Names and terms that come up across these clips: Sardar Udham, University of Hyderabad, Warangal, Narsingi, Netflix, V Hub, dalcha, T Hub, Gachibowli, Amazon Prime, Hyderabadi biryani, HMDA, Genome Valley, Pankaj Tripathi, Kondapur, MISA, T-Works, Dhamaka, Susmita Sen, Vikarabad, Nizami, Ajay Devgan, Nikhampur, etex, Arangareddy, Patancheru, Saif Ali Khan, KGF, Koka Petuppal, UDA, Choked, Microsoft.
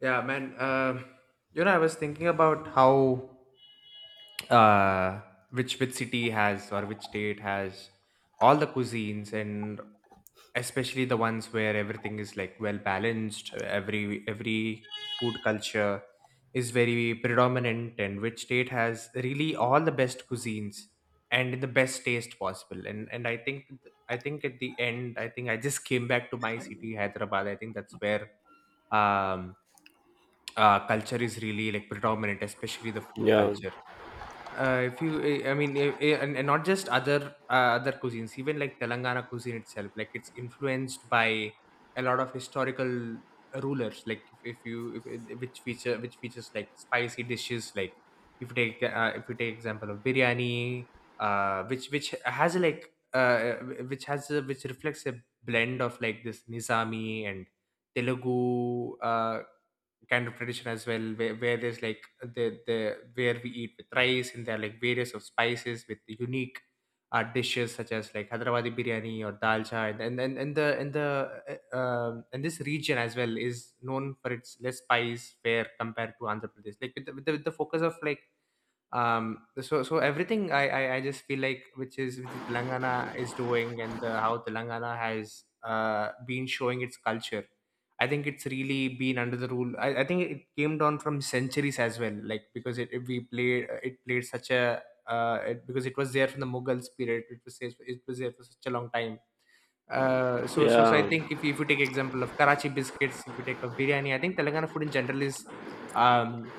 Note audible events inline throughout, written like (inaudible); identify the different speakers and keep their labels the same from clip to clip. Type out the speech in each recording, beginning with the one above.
Speaker 1: Yeah, man. I was thinking about how uh, which city has or which state has all the cuisines, and especially the ones where everything is like well balanced. Every food culture is very predominant, and which state has really all the best cuisines and in the best taste possible. And I think at the end, I think I just (laughs) came back to my city, Hyderabad. I think that's where um culture is really like predominant, especially the food
Speaker 2: Yeah,
Speaker 1: culture. If you, I mean, and not just other cuisines, even like Telangana cuisine itself, like it's influenced by a lot of historical rulers. Like if you, if, eh, which features like spicy dishes, like if you take example of biryani, which reflects a blend of like this Nizami and Telugu. Kind of tradition as well, where there's like the where we eat with rice, and there are like various of spices with the unique dishes such as like Hyderabadi biryani or dalcha, and and the and the and this region as well is known for its less spice fare compared to Andhra Pradesh, like with the focus of like so everything. I just feel like which is Telangana is doing, and how Telangana has been showing its culture. I think it's really been under the rule. I think it came down from centuries as well, like because it played such a because it was there from the Mughal period. It was there for such a long time. So I
Speaker 2: yeah,
Speaker 1: think if you take example of Karachi biscuits, if you take of biryani, I think Telangana food in general is um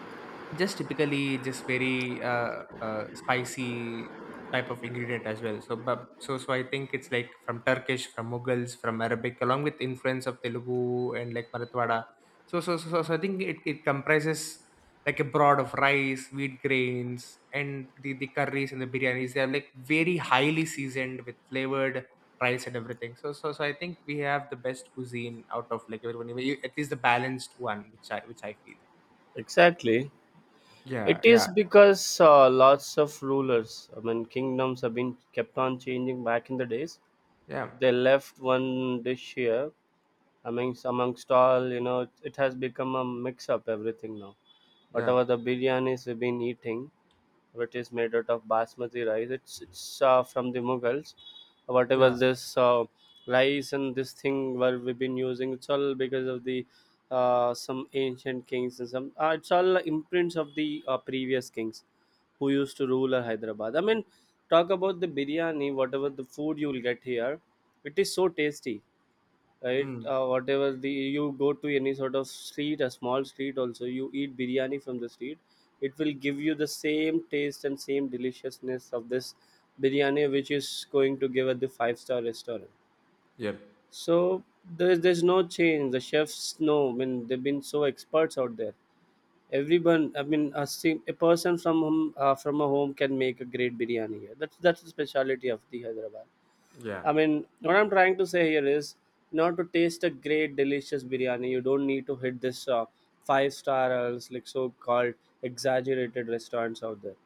Speaker 1: just typically just very spicy type of ingredient as well. But I think it's like from Turkish, from Mughals, from Arabic along with influence of Telugu and like Marathwada. So I think it comprises like a broad of rice wheat grains, and the curries and the biryanis, they are like very highly seasoned with flavored rice and everything. So I think we have the best cuisine out of like everyone, at least the balanced one, which I feel.
Speaker 2: exactly. It
Speaker 1: Yeah,
Speaker 2: is
Speaker 1: yeah,
Speaker 2: because lots of rulers, I mean, kingdoms have been kept on changing back in the days.
Speaker 1: yeah.
Speaker 2: They left one dish here. I mean, amongst all, you know, it has become a mix up everything now.
Speaker 1: Yeah,
Speaker 2: Whatever the biryanis we've been eating, which is made out of basmati rice. It's from the Mughals. Whatever
Speaker 1: yeah,
Speaker 2: this rice and this thing where we've been using, it's all because of the some ancient kings and some. It's all imprints of the previous kings who used to rule Hyderabad. I mean, talk about the biryani, whatever the food you will get here, it is so tasty, right?
Speaker 1: mm,
Speaker 2: Whatever the you go to any sort of street, a small street also, you eat biryani from the street, it will give you the same taste and same deliciousness of this biryani which is going to give at the five-star restaurant.
Speaker 1: yep,
Speaker 2: So there's no change. The chefs know. I mean, they've been so experts out there. Everyone, I mean, a person from home, from a home can make a great biryani here. That's the specialty of the Hyderabad.
Speaker 1: yeah,
Speaker 2: I mean, what I'm trying to say here is, in order to taste a great, delicious biryani, you don't need to hit this five-star or else, like so-called exaggerated restaurants out there.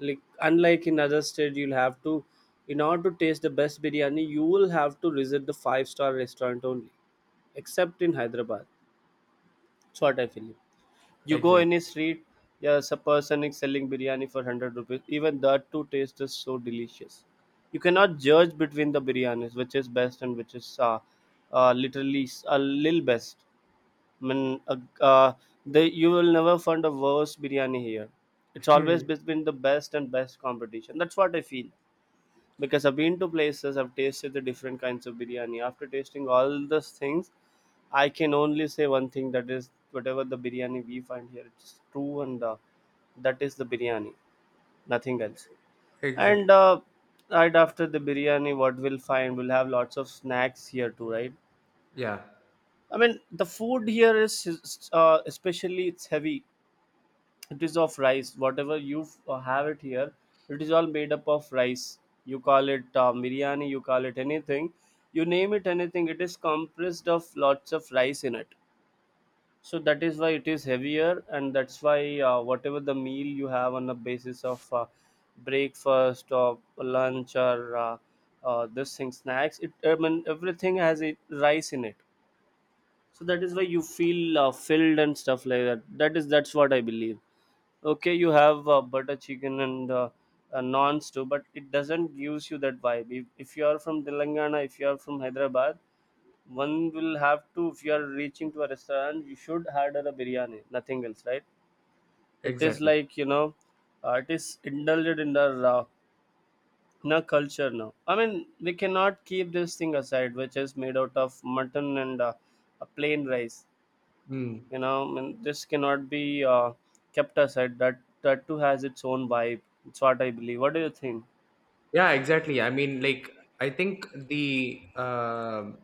Speaker 2: Like unlike in other states, you'll have to, in order to taste the best biryani, you will have to visit the five-star restaurant only, except in Hyderabad. That's what I feel. You go
Speaker 1: exactly,
Speaker 2: any street, there's a person is selling biryani for 100 rupees. Even that too taste is so delicious. You cannot judge between the biryanis, which is best and which is literally s- a little best. I mean, they, you will never find a worse biryani here. It's always
Speaker 1: hmm,
Speaker 2: between the best and best competition. That's what I feel. Because I've been to places, I've tasted the different kinds of biryani. After tasting all those things, I can only say one thing that is whatever the biryani we find here, it's true, and that is the biryani, nothing else.
Speaker 1: exactly,
Speaker 2: And right after the biryani, what we'll find, we'll have lots of snacks here too, right?
Speaker 1: yeah,
Speaker 2: I mean, the food here is especially it's heavy. It is of rice. Whatever you f- have it here, it is all made up of rice. You call it biryani, you call it anything, you name it anything. It is compressed of lots of rice in it, so that is why it is heavier, and that's why whatever the meal you have on the basis of breakfast or lunch or this thing snacks, it, I mean, everything has it, rice in it. So that is why you feel filled and stuff like that, that is, that's what I believe. Okay, you have butter chicken and naans too, but it doesn't gives you that vibe. If you are from Telangana, if you are from Hyderabad, one will have to, if you are reaching to a restaurant, you should order a biryani, nothing else, right? It is
Speaker 1: exactly,
Speaker 2: like, you know, it is indulged in our culture now. I mean, we cannot keep this thing aside, which is made out of mutton and a plain rice,
Speaker 1: mm.
Speaker 2: you know. I mean, this cannot be kept aside. That that too has its own vibe. It's what I believe. What do you think?
Speaker 1: Yeah, exactly. I mean, like, I think the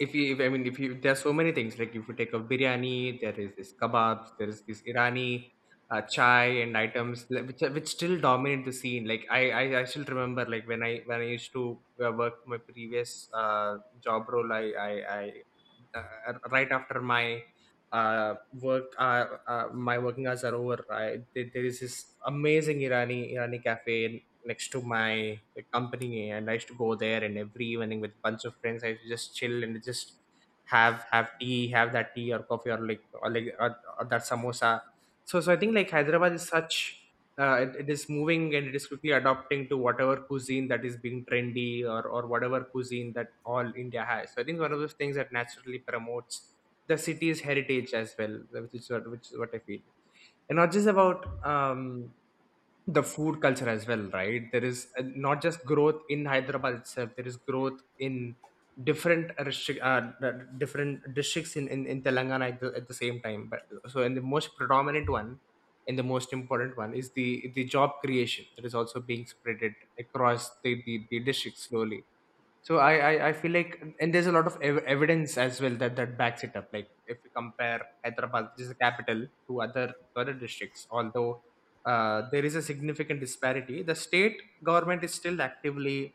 Speaker 1: if you if, I mean if you there's so many things. Like if you take a biryani, there is this kebabs, there is this irani chai, and items which still dominate the scene. Like I still remember, like, when I used to work my previous job role. I, I Right after my work my working hours are over, there is this amazing Irani cafe next to my company, and I used to go there, and every evening with a bunch of friends I used to just chill and just have that tea or coffee or that samosa. So I think, like, Hyderabad is such, it is moving, and it is quickly adopting to whatever cuisine that is being trendy, or whatever cuisine that all India has. So I think one of those things that naturally promotes the city's heritage as well, which is what I feel. And not just about um the food culture as well, right? There is not just growth in Hyderabad itself, there is growth in different restrict, the different districts in Telangana at the same time. But so, in the most predominant one, and the most important one, is the job creation that is also being spreaded across the district slowly. So I feel like, and there's a lot of evidence as well that backs it up. Like if we compare Hyderabad, which is the capital, to other districts, although there is a significant disparity, the state government is still actively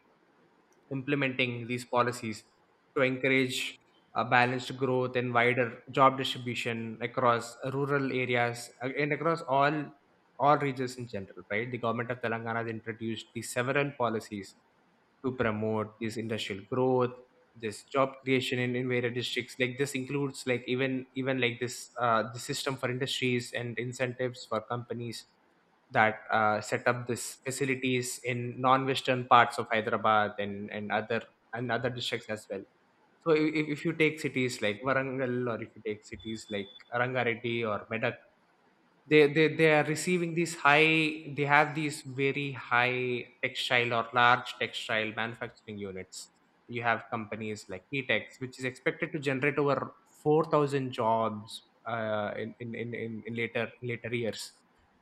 Speaker 1: implementing these policies to encourage balanced growth and wider job distribution across rural areas, and across all regions in general. Right, the government of Telangana has introduced these several policies to promote this industrial growth, this job creation in various districts. Like this includes, like, even like this, the system for industries and incentives for companies that set up this facilities in non-western parts of Hyderabad and other districts as well. So if you take cities like Warangal, or if you take cities like Arangareddy or Meda, they are receiving these high, they have these very high textile or large textile manufacturing units. You have companies like Etex, which is expected to generate over 4,000 jobs in later years.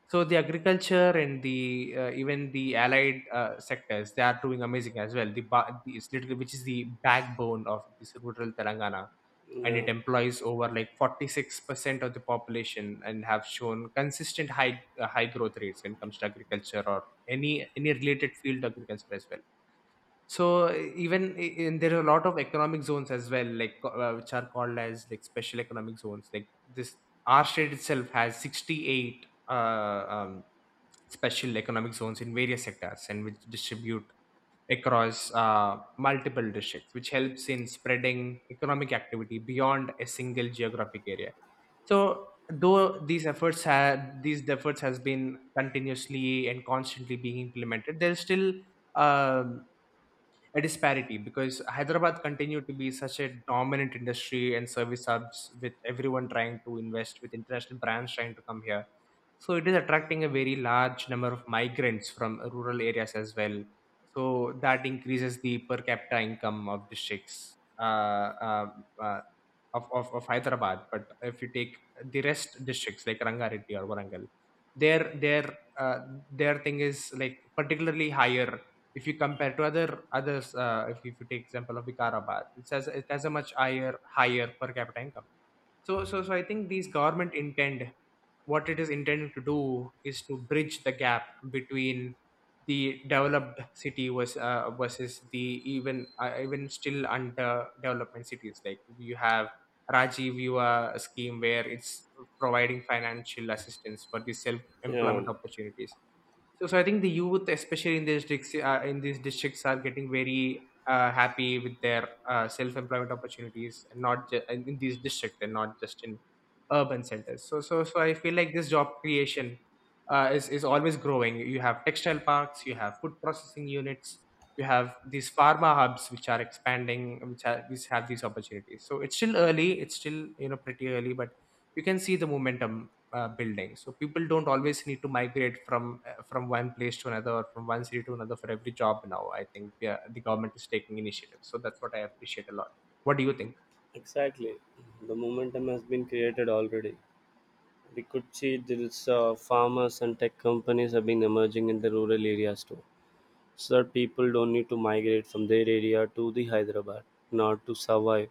Speaker 1: So the agriculture and the even the allied sectors, they are doing amazing as well. The it's literally which is the backbone of this rural Telangana, and
Speaker 2: Yeah,
Speaker 1: it employs over like 46% of the population, and have shown consistent high growth rates when it comes to agriculture or any related field of agriculture as well. So there are a lot of economic zones as well, like, which are called as like special economic zones. Like this, our state itself has 68 special economic zones in various sectors, and which distribute across multiple districts, which helps in spreading economic activity beyond a single geographic area. So, though these efforts has been continuously and constantly being implemented, there's still um a disparity, because Hyderabad continued to be such a dominant industry and service hubs, with everyone trying to invest, with international brands trying to come here. So it is attracting a very large number of migrants from rural areas as well. So that increases the per capita income of districts uh, of Hyderabad. But if you take the rest districts like Rangareddy or Warangal, their their uh, their thing is like particularly higher if you compare to other others. If you take example of Vikarabad, it has a much higher per capita income. So I think these government intend, what it is intending to do is to bridge the gap between the developed city was, versus the even still under development cities, like you have Rajiv Yuva scheme, where it's providing financial assistance for the self
Speaker 2: yeah,
Speaker 1: employment opportunities. So I think the youth, especially in these districts, are getting very happy with their self-employment opportunities, and not in these districts, and not just in urban centers. So I feel like this job creation is always growing. You have textile parks, you have food processing units, you have these pharma hubs which are expanding, which have these opportunities. So it's still early. It's still pretty early, but you can see the momentum building. So people don't always need to migrate from one place to another, or from one city to another, for every job now. I think, yeah, the government is taking initiatives, so that's what I appreciate a lot. What do you think?
Speaker 2: exactly. The momentum has been created already. We could see there's farmers and tech companies have been emerging in the rural areas too. So that people don't need to migrate from their area to the Hyderabad, not to survive,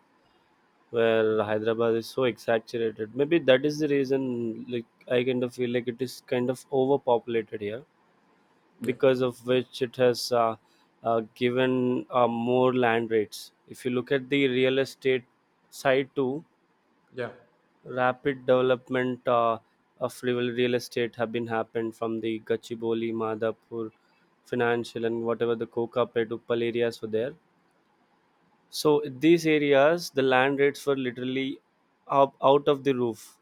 Speaker 2: where Hyderabad is so exaggerated. Maybe that is the reason. Like I kind of feel like it is kind of overpopulated here, because of which it has given more land rates. If you look at the real estate side too,
Speaker 1: Yeah,
Speaker 2: rapid development of real estate have been happened from the Gachibowli, Madhapur, financial and whatever the Koka Petuppal areas were there. So these areas, the land rates were literally up, out of the roof.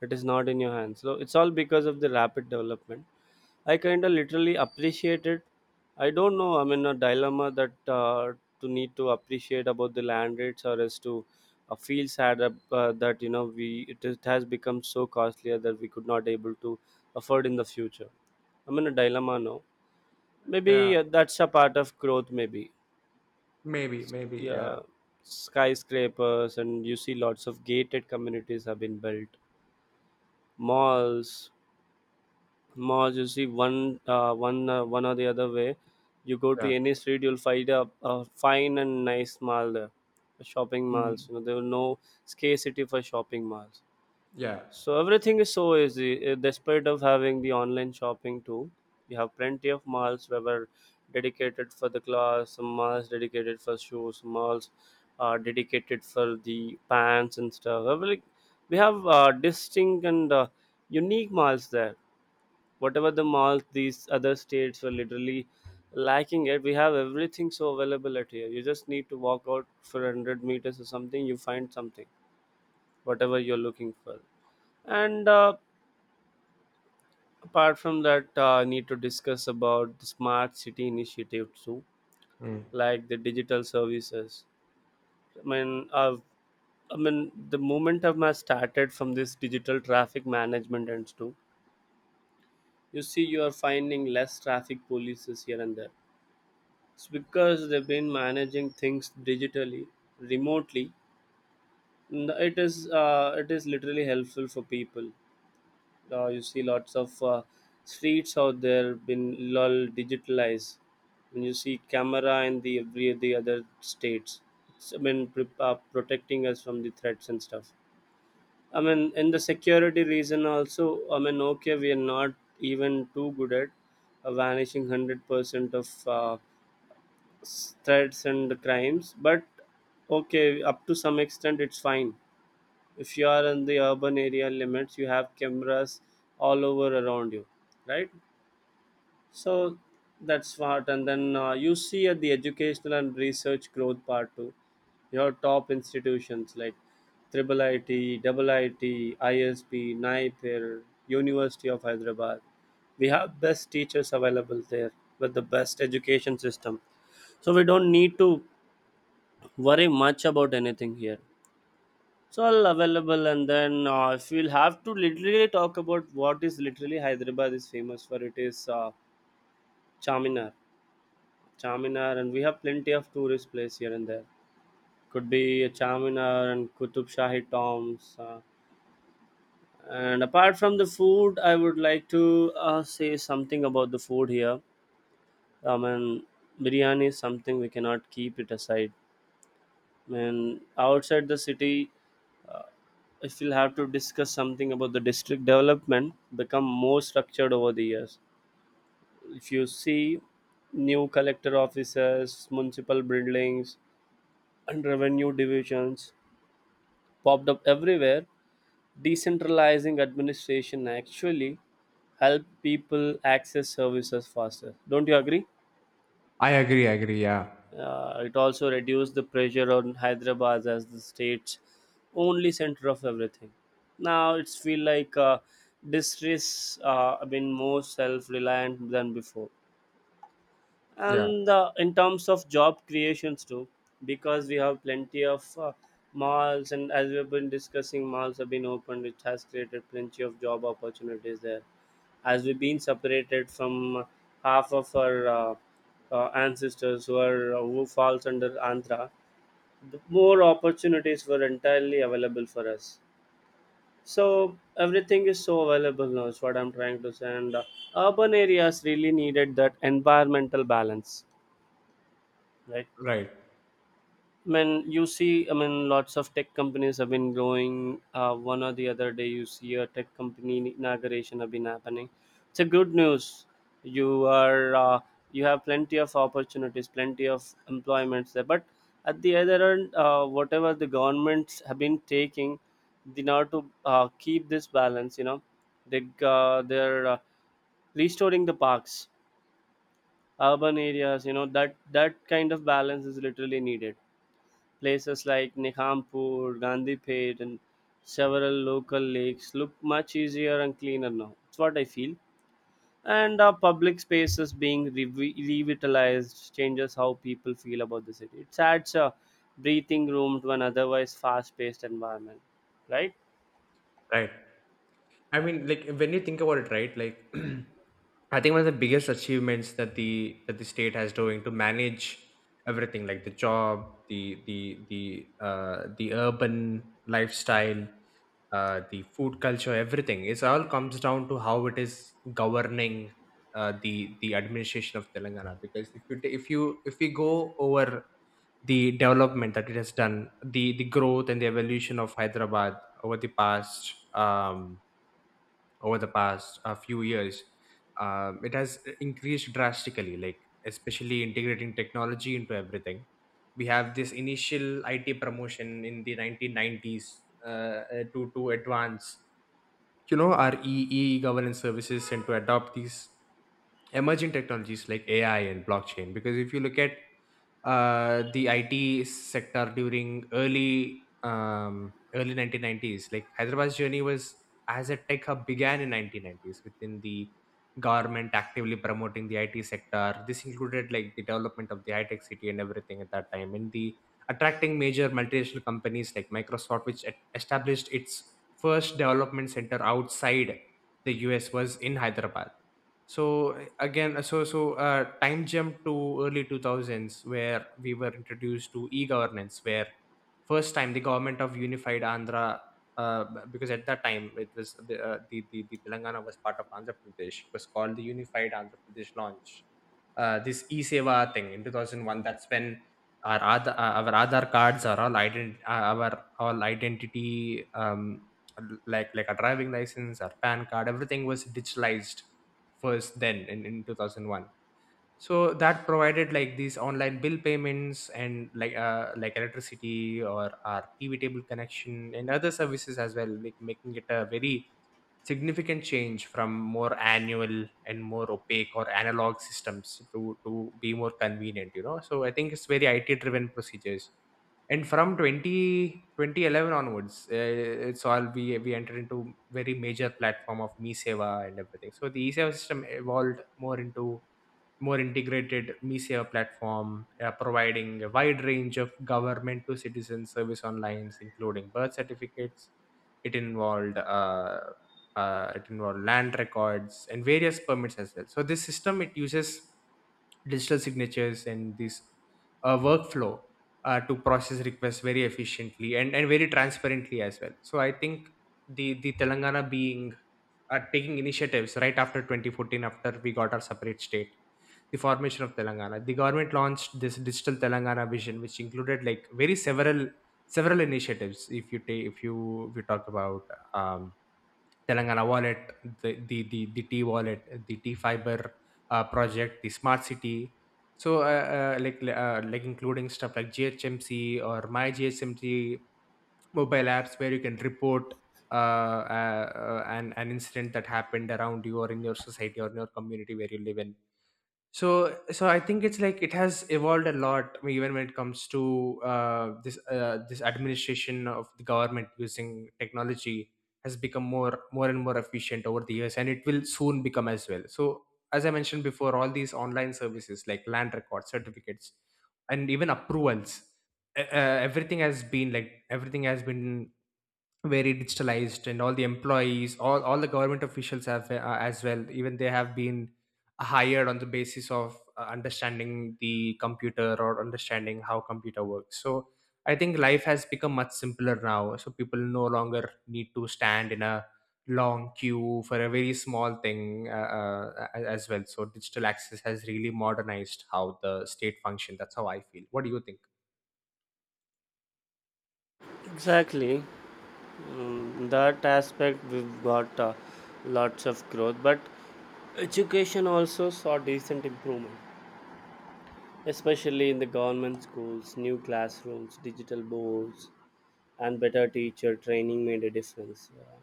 Speaker 2: It is not in your hands. So it's all because of the rapid development. I kind of literally appreciate it. I don't know. I'm in a dilemma that to need to appreciate about the land rates, or as to feel sad ab- that, you know, we it, is, has become so costlier that we could not able to afford in the future. I'm in a dilemma now.
Speaker 1: yeah,
Speaker 2: Maybe that's a part of growth. Maybe,
Speaker 1: maybe, maybe, yeah.
Speaker 2: yeah, skyscrapers, and you see lots of gated communities have been built, malls, malls, you see one or the other way, you go to any street, you'll find a fine and nice mall there, shopping malls,
Speaker 1: Mm.
Speaker 2: you know, there were no scarcity for shopping malls.
Speaker 1: Yeah.
Speaker 2: So everything is so easy. Despite of having the online shopping too, we have plenty of malls where were dedicated for the clothes, some malls dedicated for shoes, some malls are dedicated for the pants and stuff. Every- we have distinct and unique malls there, whatever the malls these other states were literally lacking it. We have everything so available at here. You just need to walk out for 100 meters or something, you find something, whatever you're looking for. And apart from that, I need to discuss about the smart city initiative too,
Speaker 1: Mm.
Speaker 2: like the digital services. I mean, I mean, the moment I've ma- started from this digital traffic management and stuff, you see you are finding less traffic polices here and there. It's because they've been managing things digitally, remotely. N- it is literally helpful for people. You see lots of streets out there been lol digitalized. When you see camera in the every the other states, it's, I mean, pre- protecting us from the threats and stuff. I mean, in the security reason also. I mean, okay, we are not even too good at vanishing 100% of. Uh, threats and crimes, but okay, up to some extent it's fine. If you are in the urban area limits, you have cameras all over around you, right? So that's what, and then you see at the educational and research growth part too, your top institutions like triple IT, double IT, ISB, NIPIR, University of Hyderabad. We have best teachers available there with the best education system. So we don't need to worry much about anything here. It's all available, and then if we'll have to literally talk about what is literally Hyderabad is famous for, it is Charminar. Charminar, and we have plenty of tourist place here and there. Could be a Charminar and Qutub Shahi tombs. And apart from the food, I would like to say something about the food here. I mean, biryani is something we cannot keep it aside. I mean, outside the city, I still have to discuss something about the district development become more structured over the years. If you see new collector offices, municipal buildings, and revenue divisions popped up everywhere, decentralizing administration actually help people access services faster. Don't you agree?
Speaker 1: I agree, I agree. Yeah.
Speaker 2: It also reduced the pressure on Hyderabad as the state's only center of everything. Now it's feel like districts have been more self-reliant than before,
Speaker 1: Yeah,
Speaker 2: and in terms of job creations too, because we have plenty of malls, and as we've been discussing, malls have been opened, which has created plenty of job opportunities there. As we've been separated from half of our ancestors who are who falls under Andhra, the more opportunities were entirely available for us. So everything is so available now. Is what I'm trying to say. And urban areas really needed that environmental balance, right?
Speaker 1: right,
Speaker 2: I mean, you see, I mean, lots of tech companies have been growing. One or the other day, you see a tech company inauguration have been happening. It's a good news. You are you have plenty of opportunities, plenty of employments there. But at the other end, whatever the governments have been taking, in order to keep this balance, you know, they they're restoring the parks, urban areas. You know that that kind of balance is literally needed. Places like Nikhampur, Gandhipet, and several local lakes look much easier and cleaner now. It's what I feel. And our public spaces being revi- revitalized changes how people feel about the city. It adds a breathing room to an otherwise fast paced environment, right?
Speaker 1: right. I
Speaker 2: Yeah,
Speaker 1: mean, like, when you think about it, right? Like, (clears throat) I think one of the biggest achievements that the state has doing to manage everything, like the job, the urban lifestyle, the food culture, everything. It's all comes down to how it is governing the administration of Telangana. Because if you ta- if you if we go over the development that it has done, the growth and the evolution of Hyderabad over the past um, over the past few years, it has increased drastically. Like, especially integrating technology into everything. We have this initial IT promotion in the 1990s uh, to advance, our E governance services, and to adopt these emerging technologies like AI and blockchain. Because if you look at the IT sector during early 1990s, like Hyderabad's journey was as a tech hub began in 1990s within the government actively promoting the IT sector. This included like the development of the high tech city and everything at that time, and the attracting major multinational companies like Microsoft, which established its first development center outside the US, was in Hyderabad. So again, so time jump to early 2000s where we were introduced to e-governance, where first time the government of unified Andhra, uh, because at that time it was the Telangana was part of Andhra Pradesh, was called the unified Andhra Pradesh, launch, this e-seva thing in 2001. That's when our our Aadhaar cards are all our all identity, um, like a driving license, our pan card, everything was digitalized first, then in 2001, so that provided like these online bill payments and like electricity or our tv table connection and other services as well, like making it a very significant change from more annual and more opaque or analog systems to be more convenient, so I think it's very it driven procedures. And from 20 2011 onwards, it's all we entered into very major platform of me and everything. So the e-seva system evolved more into more integrated MISA platform, providing a wide range of government to citizen service online, including birth certificates. It involved uh, it involved land records and various permits as well. So this system, it uses digital signatures and this workflow to process requests very efficiently, and very transparently as well. So I think the Telangana being, taking initiatives right after 2014, after we got our separate state, the formation of Telangana, the government launched this digital Telangana vision, which included like very several initiatives. If you take if you if you talk about, um, Telangana wallet, the t wallet, the t fiber project, the smart city. So like including stuff like GHMC or my GHMC mobile apps, where you can report an incident that happened around you or in your society or in your community where you live in. So I think it's like it has evolved a lot. I mean, even when it comes to this administration of the government using technology, has become more and more efficient over the years and it will soon become as well. So as I mentioned before, all these online services like land records, certificates, and even approvals, e, everything has been like everything has been very digitalized, and all the employees, all the government officials have, as well, even they have been hired on the basis of understanding the computer or understanding how computer works. So I think life has become much simpler now, so people no longer need to stand in a long queue for a very small thing as well. So digital access has really modernized how the state function. That's how I feel. What do you think?
Speaker 2: exactly. That aspect we've got lots of growth, but education also saw decent improvement, especially in the government schools. New classrooms, digital boards, and better teacher training made a difference.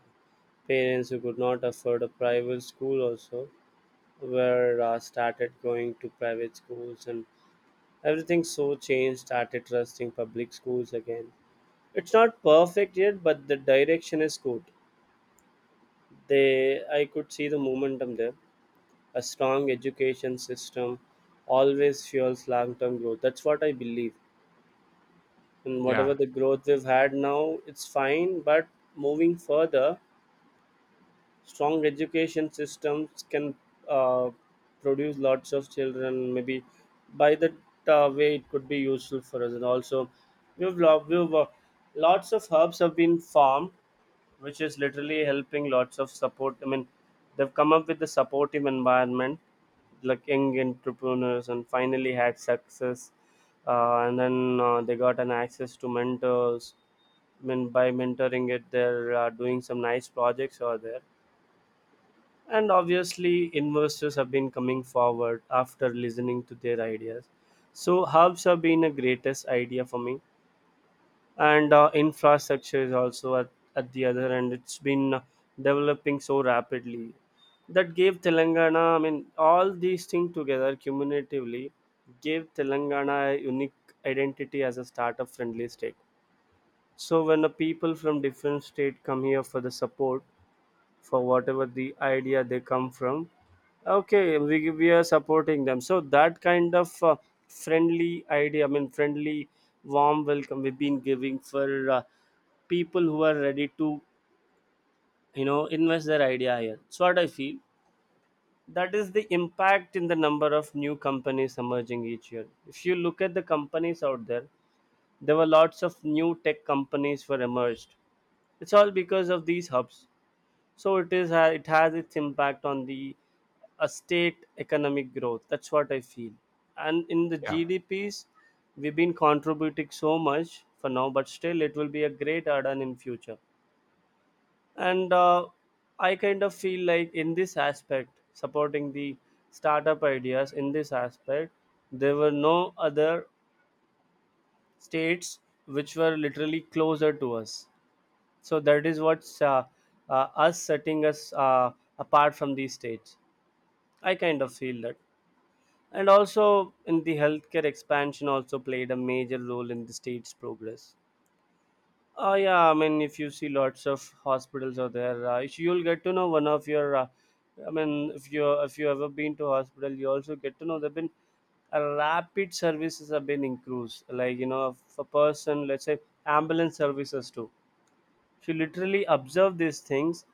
Speaker 2: Parents who could not afford a private school also were started going to private schools, and everything so changed. Started trusting public schools again. It's not perfect yet, but the direction is good. They, I could see the momentum there. A strong education system always fuels long-term growth. That's what I believe, and whatever
Speaker 1: Yeah,
Speaker 2: the growth we've had now, it's fine, but moving further, strong education systems can uh, produce lots of children, maybe by that way it could be useful for us. And also we've, lo- we've lots of hubs have been formed, which is literally helping lots of support. I mean, they've come up with the supportive environment, like young entrepreneurs and finally had success. And then they got an access to mentors. Mean, by mentoring it, they're doing some nice projects over there, and obviously investors have been coming forward after listening to their ideas. So hubs have been a greatest idea for me. And infrastructure is also at the other end. It's been developing so rapidly that gave Telangana, I mean all these things together cumulatively gave Telangana a unique identity as a startup friendly state. So when the people from different state come here for the support, for whatever the idea they come from, okay, we are supporting them. So that kind of friendly idea, I mean friendly, warm welcome we've been giving for people who are ready to invest their idea here. So what I feel. That is the impact in the number of new companies emerging each year. If you look at the companies out there, there were lots of new tech companies were emerged. It's all because of these hubs. So it has its impact on the a state economic growth. That's what I feel. And in the
Speaker 1: yeah,
Speaker 2: GDPs, we've been contributing so much for now, but still it will be a great add-on in future. And I kind of feel like in this aspect, supporting the startup ideas in this aspect, there were no other states which were literally closer to us. So that is what's us setting us apart from these states, I kind of feel that. And also in the healthcare expansion also played a major role in the state's progress. Yeah, I mean if you see lots of hospitals out there, if you'll get to know one of your I mean if you ever been to hospital, you also get to know there have been a rapid services have been increased. Like, you know, if a person, let's say, ambulance services too, if you literally observe these things,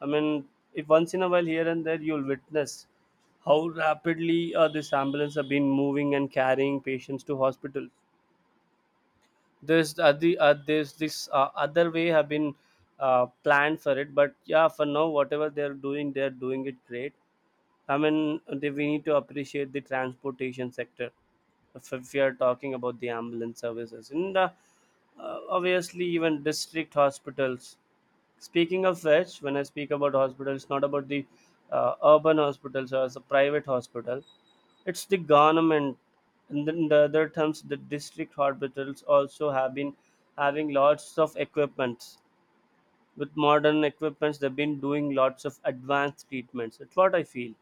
Speaker 2: I mean, if once in a while here and there, you'll witness how rapidly this ambulance have been moving and carrying patients to hospital. There's this other way have been planned for it, but yeah, for now whatever they're doing it great. I mean, we need to appreciate the transportation sector if we are talking about the ambulance services. And obviously, even district hospitals. Speaking of which, when I speak about hospitals, not about the urban hospitals or as a private hospital, it's the government. And then the other terms, the district hospitals also have been having lots of equipments. With modern equipments, they've been doing lots of advanced treatments. That's what I feel.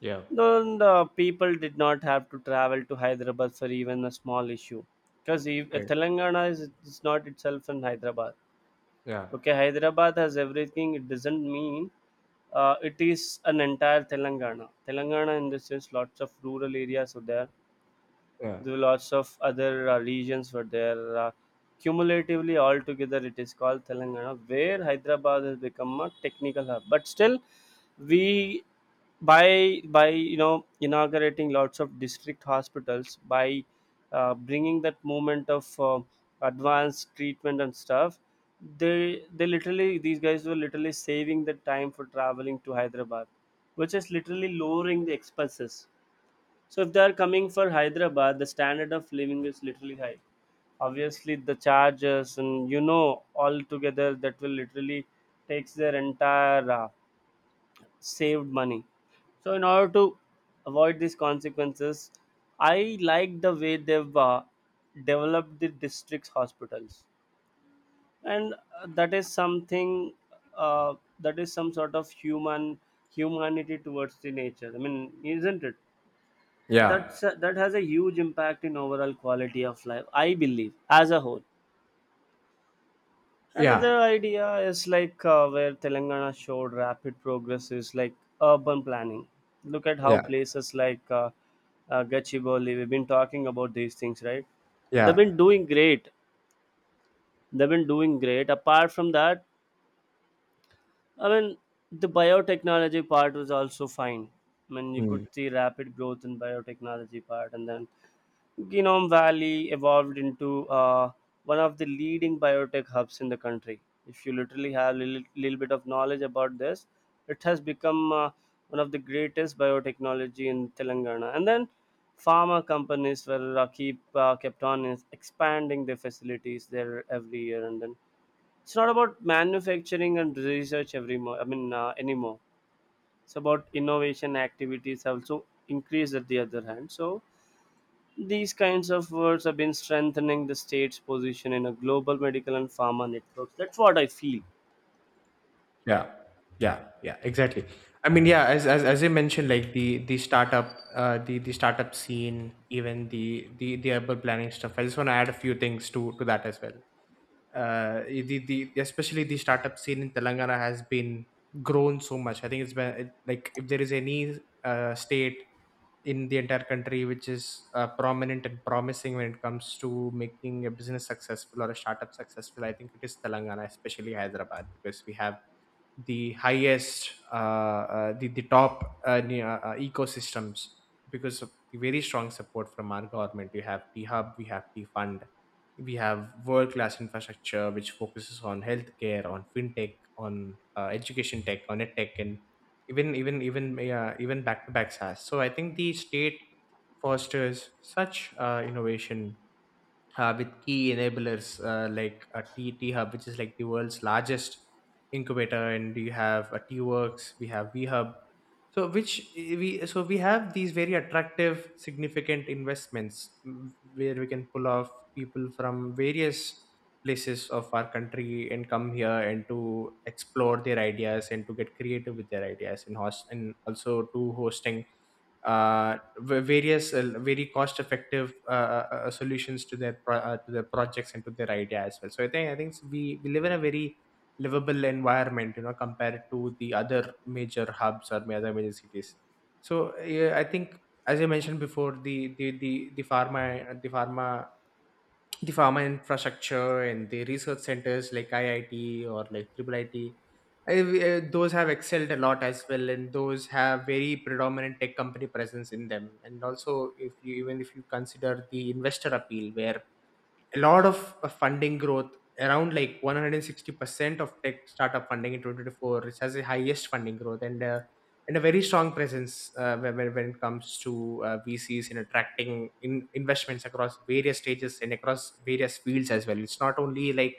Speaker 1: yeah,
Speaker 2: Then the people did not have to travel to Hyderabad for even a small issue. Because
Speaker 1: right,
Speaker 2: Telangana is not itself in Hyderabad.
Speaker 1: yeah,
Speaker 2: Okay, Hyderabad has everything. It doesn't mean it is an entire Telangana. Telangana in the sense lots of rural areas are there.
Speaker 1: yeah,
Speaker 2: There were lots of other regions were there. Cumulatively, altogether, it is called Telangana, where Hyderabad has become a technical hub. But still, we by you know inaugurating lots of district hospitals, by bringing that movement of advanced treatment and stuff, they literally, these guys were literally saving the time for traveling to Hyderabad, which is literally lowering the expenses. So if they are coming for Hyderabad, the standard of living is literally high. Obviously, the charges and you know all together that will literally takes their entire saved money. So in order to avoid these consequences, I like the way they've developed the district's hospitals, and that is something uh, that is some sort of humanity towards the nature. I mean, isn't it?
Speaker 1: yeah.
Speaker 2: That's a, that has a huge impact in overall quality of life, I believe, as a whole.
Speaker 1: Yeah,
Speaker 2: Another idea is like, where Telangana showed rapid progress is like urban planning. Look at how
Speaker 1: yeah,
Speaker 2: places like Gachibowli, we've been talking about these things, right? They've
Speaker 1: yeah,
Speaker 2: been doing great. They've been doing great. Apart from that, I mean, the biotechnology part was also fine. I mean, you could
Speaker 1: mm,
Speaker 2: see rapid growth in biotechnology part. And then Genome Valley evolved into one of the leading biotech hubs in the country. If you literally have a little bit of knowledge about this, it has become one of the greatest biotechnology in Telangana. And then pharma companies were keep kept on is expanding their facilities there every year. And then it's not about manufacturing and research every mo- I mean anymore. It's about innovation activities have also increased at the other hand. So these kinds of words have been strengthening the state's position in a global medical and pharma networks. That's what I feel.
Speaker 1: yeah, yeah, yeah. Exactly. I mean, yeah. As I mentioned, like the startup, the startup scene, even the urban planning stuff. I just want to add a few things to that as well. The especially the startup scene in Telangana has been grown so much. I think it's been like if there is any state in the entire country which is prominent and promising when it comes to making a business successful or a startup successful. I think it is Telangana, especially Hyderabad, because we have the highest, the top ecosystems because of the very strong support from our government. We have p hub, we have p fund, we have world class infrastructure which focuses on healthcare, on fintech, on education tech, on edtech, and even back to back SaaS. So I think the state fosters such innovation with key enablers like a T Hub, which is like the world's largest incubator, and we have a T-Works, we have V Hub. So we have these very attractive, significant investments, where we can pull off people from various places of our country and come here and to explore their ideas and to get creative with their ideas and host, and also to hosting various very cost effective solutions to their projects and to their idea as well. So I think we live in a very livable environment, compared to the other major hubs or other major cities. So yeah, I think, as I mentioned before, the pharma infrastructure and the research centers like IIT or like triple IT, those have excelled a lot as well, and those have very predominant tech company presence in them. And also, if you even if you consider the investor appeal, where a lot of funding growth around like 160% of tech startup funding in 2024, which has the highest funding growth, and a very strong presence when it comes to VCs in attracting in investments across various stages and across various fields as well. It's not only like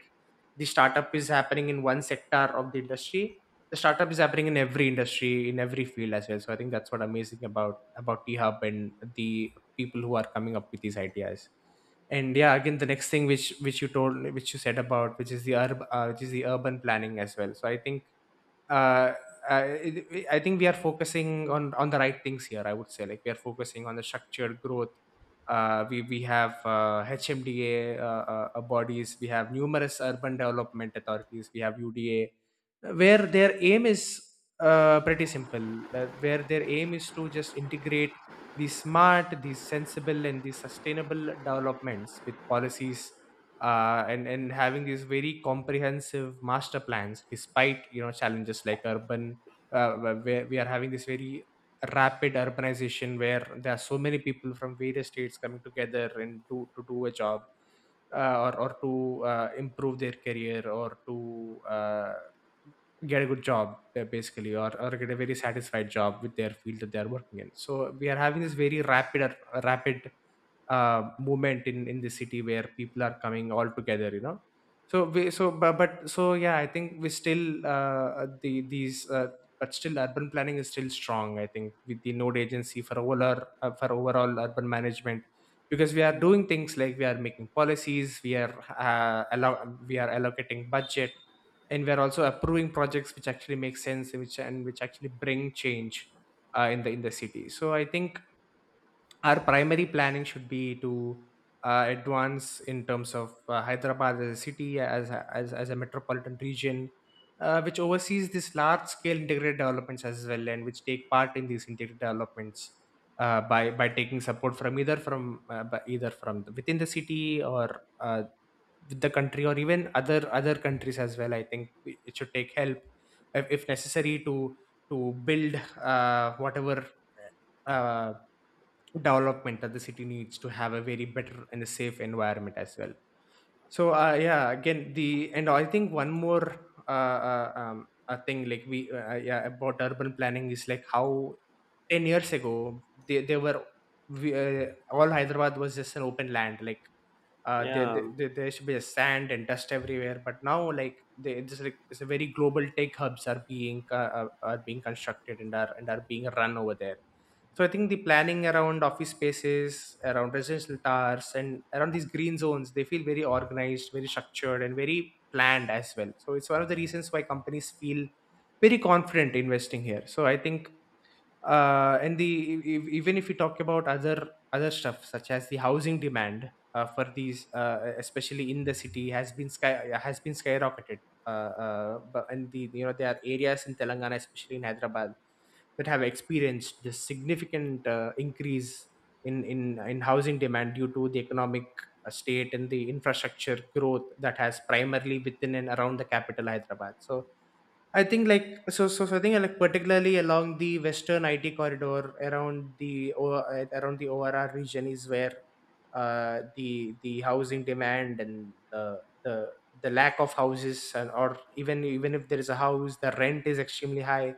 Speaker 1: the startup is happening in one sector of the industry. The startup is happening in every industry, in every field as well. So I think that's what amazing about t hub and the people who are coming up with these ideas. And yeah, again, the next thing which you said about, which is the urban planning as well. So I think, uh, I think we are focusing on the right things here. I would say like we are focusing on the structured growth. We have HMDA bodies. We have numerous urban development authorities. We have UDA, where their aim is pretty simple, where their aim is to just integrate these smart, these sensible, and these sustainable developments with policies, and having these very comprehensive master plans, despite challenges like where we are having this very rapid urbanization, where there are so many people from various states coming together and to do a job, or to improve their career, or to get a good job basically, or get a very satisfied job with their field that they are working in. So we are having this very rapid movement in the city, where people are coming all together, so we so but so yeah, I think we still, the these but still urban planning is still strong, I think, with the node agency for overall, for overall urban management. Because we, and we're also approving projects which actually make sense, which actually bring change in the city. So I think our primary planning should be to advance in terms of Hyderabad as a city, as a metropolitan region, which oversees these large scale integrated developments as well, and which take part in these integrated developments by taking support from either from within the city, or with the country, or even other countries as well. I think it should take help, if necessary, to build whatever uh, development that the city needs, to have a very better and a safe environment as well. So yeah, again, the and I think one more a thing, like we yeah, about urban planning is like how 10 years ago, they were, all Hyderabad was just an open land, like uh, there,
Speaker 2: Yeah.
Speaker 1: there, there should be a sand and dust everywhere. But now, like it's like it's a very global tech hubs are being, are being constructed, and are being run over there. So I think the planning around office spaces, around residential towers, and around these green zones, they feel very organized, very structured, and very planned as well. So it's one of the reasons why companies feel very confident investing here. So I think, and the even if we talk about other stuff, such as the housing demand for these, especially in the city, has been skyrocketed. Uh, uh, but and the you know there are areas in Telangana, especially in Hyderabad, that have experienced this significant increase in housing demand due to the economic state and the infrastructure growth that has primarily within and around the capital Hyderabad. So I think like so so, so I think like particularly along the western IT corridor around the ORR region is where the housing demand and the lack of houses, and or even if there is a house the rent is extremely high.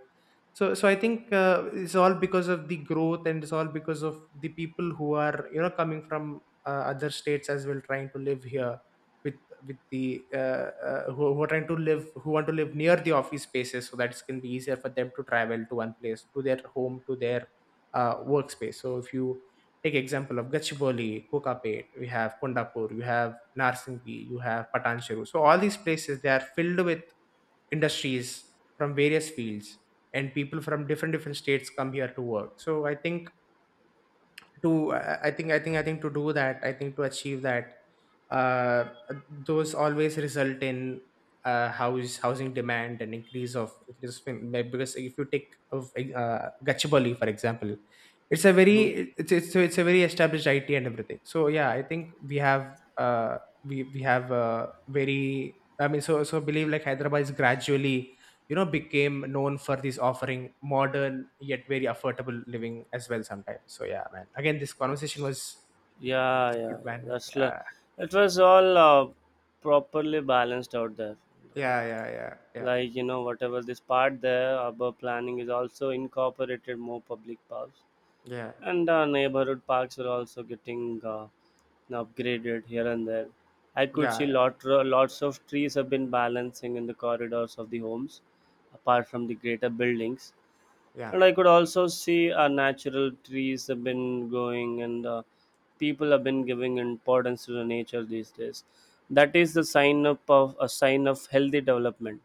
Speaker 1: So I think, it's all because of the growth and it's all because of the people who are coming from other states as well, trying to live here, with with who are trying to live, who want to live near the office spaces, so that it can be easier for them to travel to one place, to their home, to their workspace. So if you take example of Gachibowli, Kokapet, we have Kondapur, you have Narsingi, you have Patancheru, so all these places they are filled with industries from various fields, and people from different different states come here to work. So I think, to I, I think to do that, I think to achieve that, uh, those always result in house housing demand and increase of, because if you take of Gachibowli for example, it's a
Speaker 2: Mhm.
Speaker 1: very, it's a very established IT and everything. So yeah, I think we have a very, I mean, so believe like Hyderabad is gradually became known for this offering modern, yet very affordable living as well sometimes. So yeah man, again, this conversation was
Speaker 2: Yeah,
Speaker 1: was
Speaker 2: yeah,
Speaker 1: good
Speaker 2: yeah.
Speaker 1: man.
Speaker 2: That's like,
Speaker 1: Yeah,
Speaker 2: it was all properly balanced out there. Uh,
Speaker 1: yeah, yeah, yeah, yeah,
Speaker 2: like, you know, whatever this part there about planning is also incorporated more public powers.
Speaker 1: yeah,
Speaker 2: And neighborhood parks are also getting upgraded here and there. I could see
Speaker 1: yeah,
Speaker 2: lots of trees have been balancing in the corridors of the homes, apart from the greater buildings.
Speaker 1: yeah, yeah,
Speaker 2: And I could also see natural trees have been growing, and people have been giving importance to the nature these days. That is the sign of healthy development.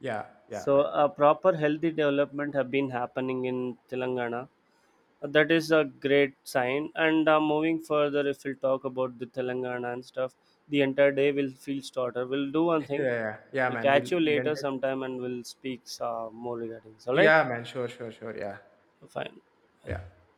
Speaker 1: yeah, yeah,
Speaker 2: So,
Speaker 1: man.
Speaker 2: a proper healthy development have been happening in Telangana. That is a great sign. And moving further, if we'll talk about the Telangana and stuff, the entire day will feel shorter. We'll do one
Speaker 1: (laughs) Yeah,
Speaker 2: thing,
Speaker 1: yeah, yeah
Speaker 2: we'll
Speaker 1: man, we'll
Speaker 2: catch you
Speaker 1: we
Speaker 2: later
Speaker 1: it
Speaker 2: sometime, and we'll speak more regarding this, all right?
Speaker 1: yeah man, sure, sure, sure. Yeah,
Speaker 2: Fine.
Speaker 1: yeah.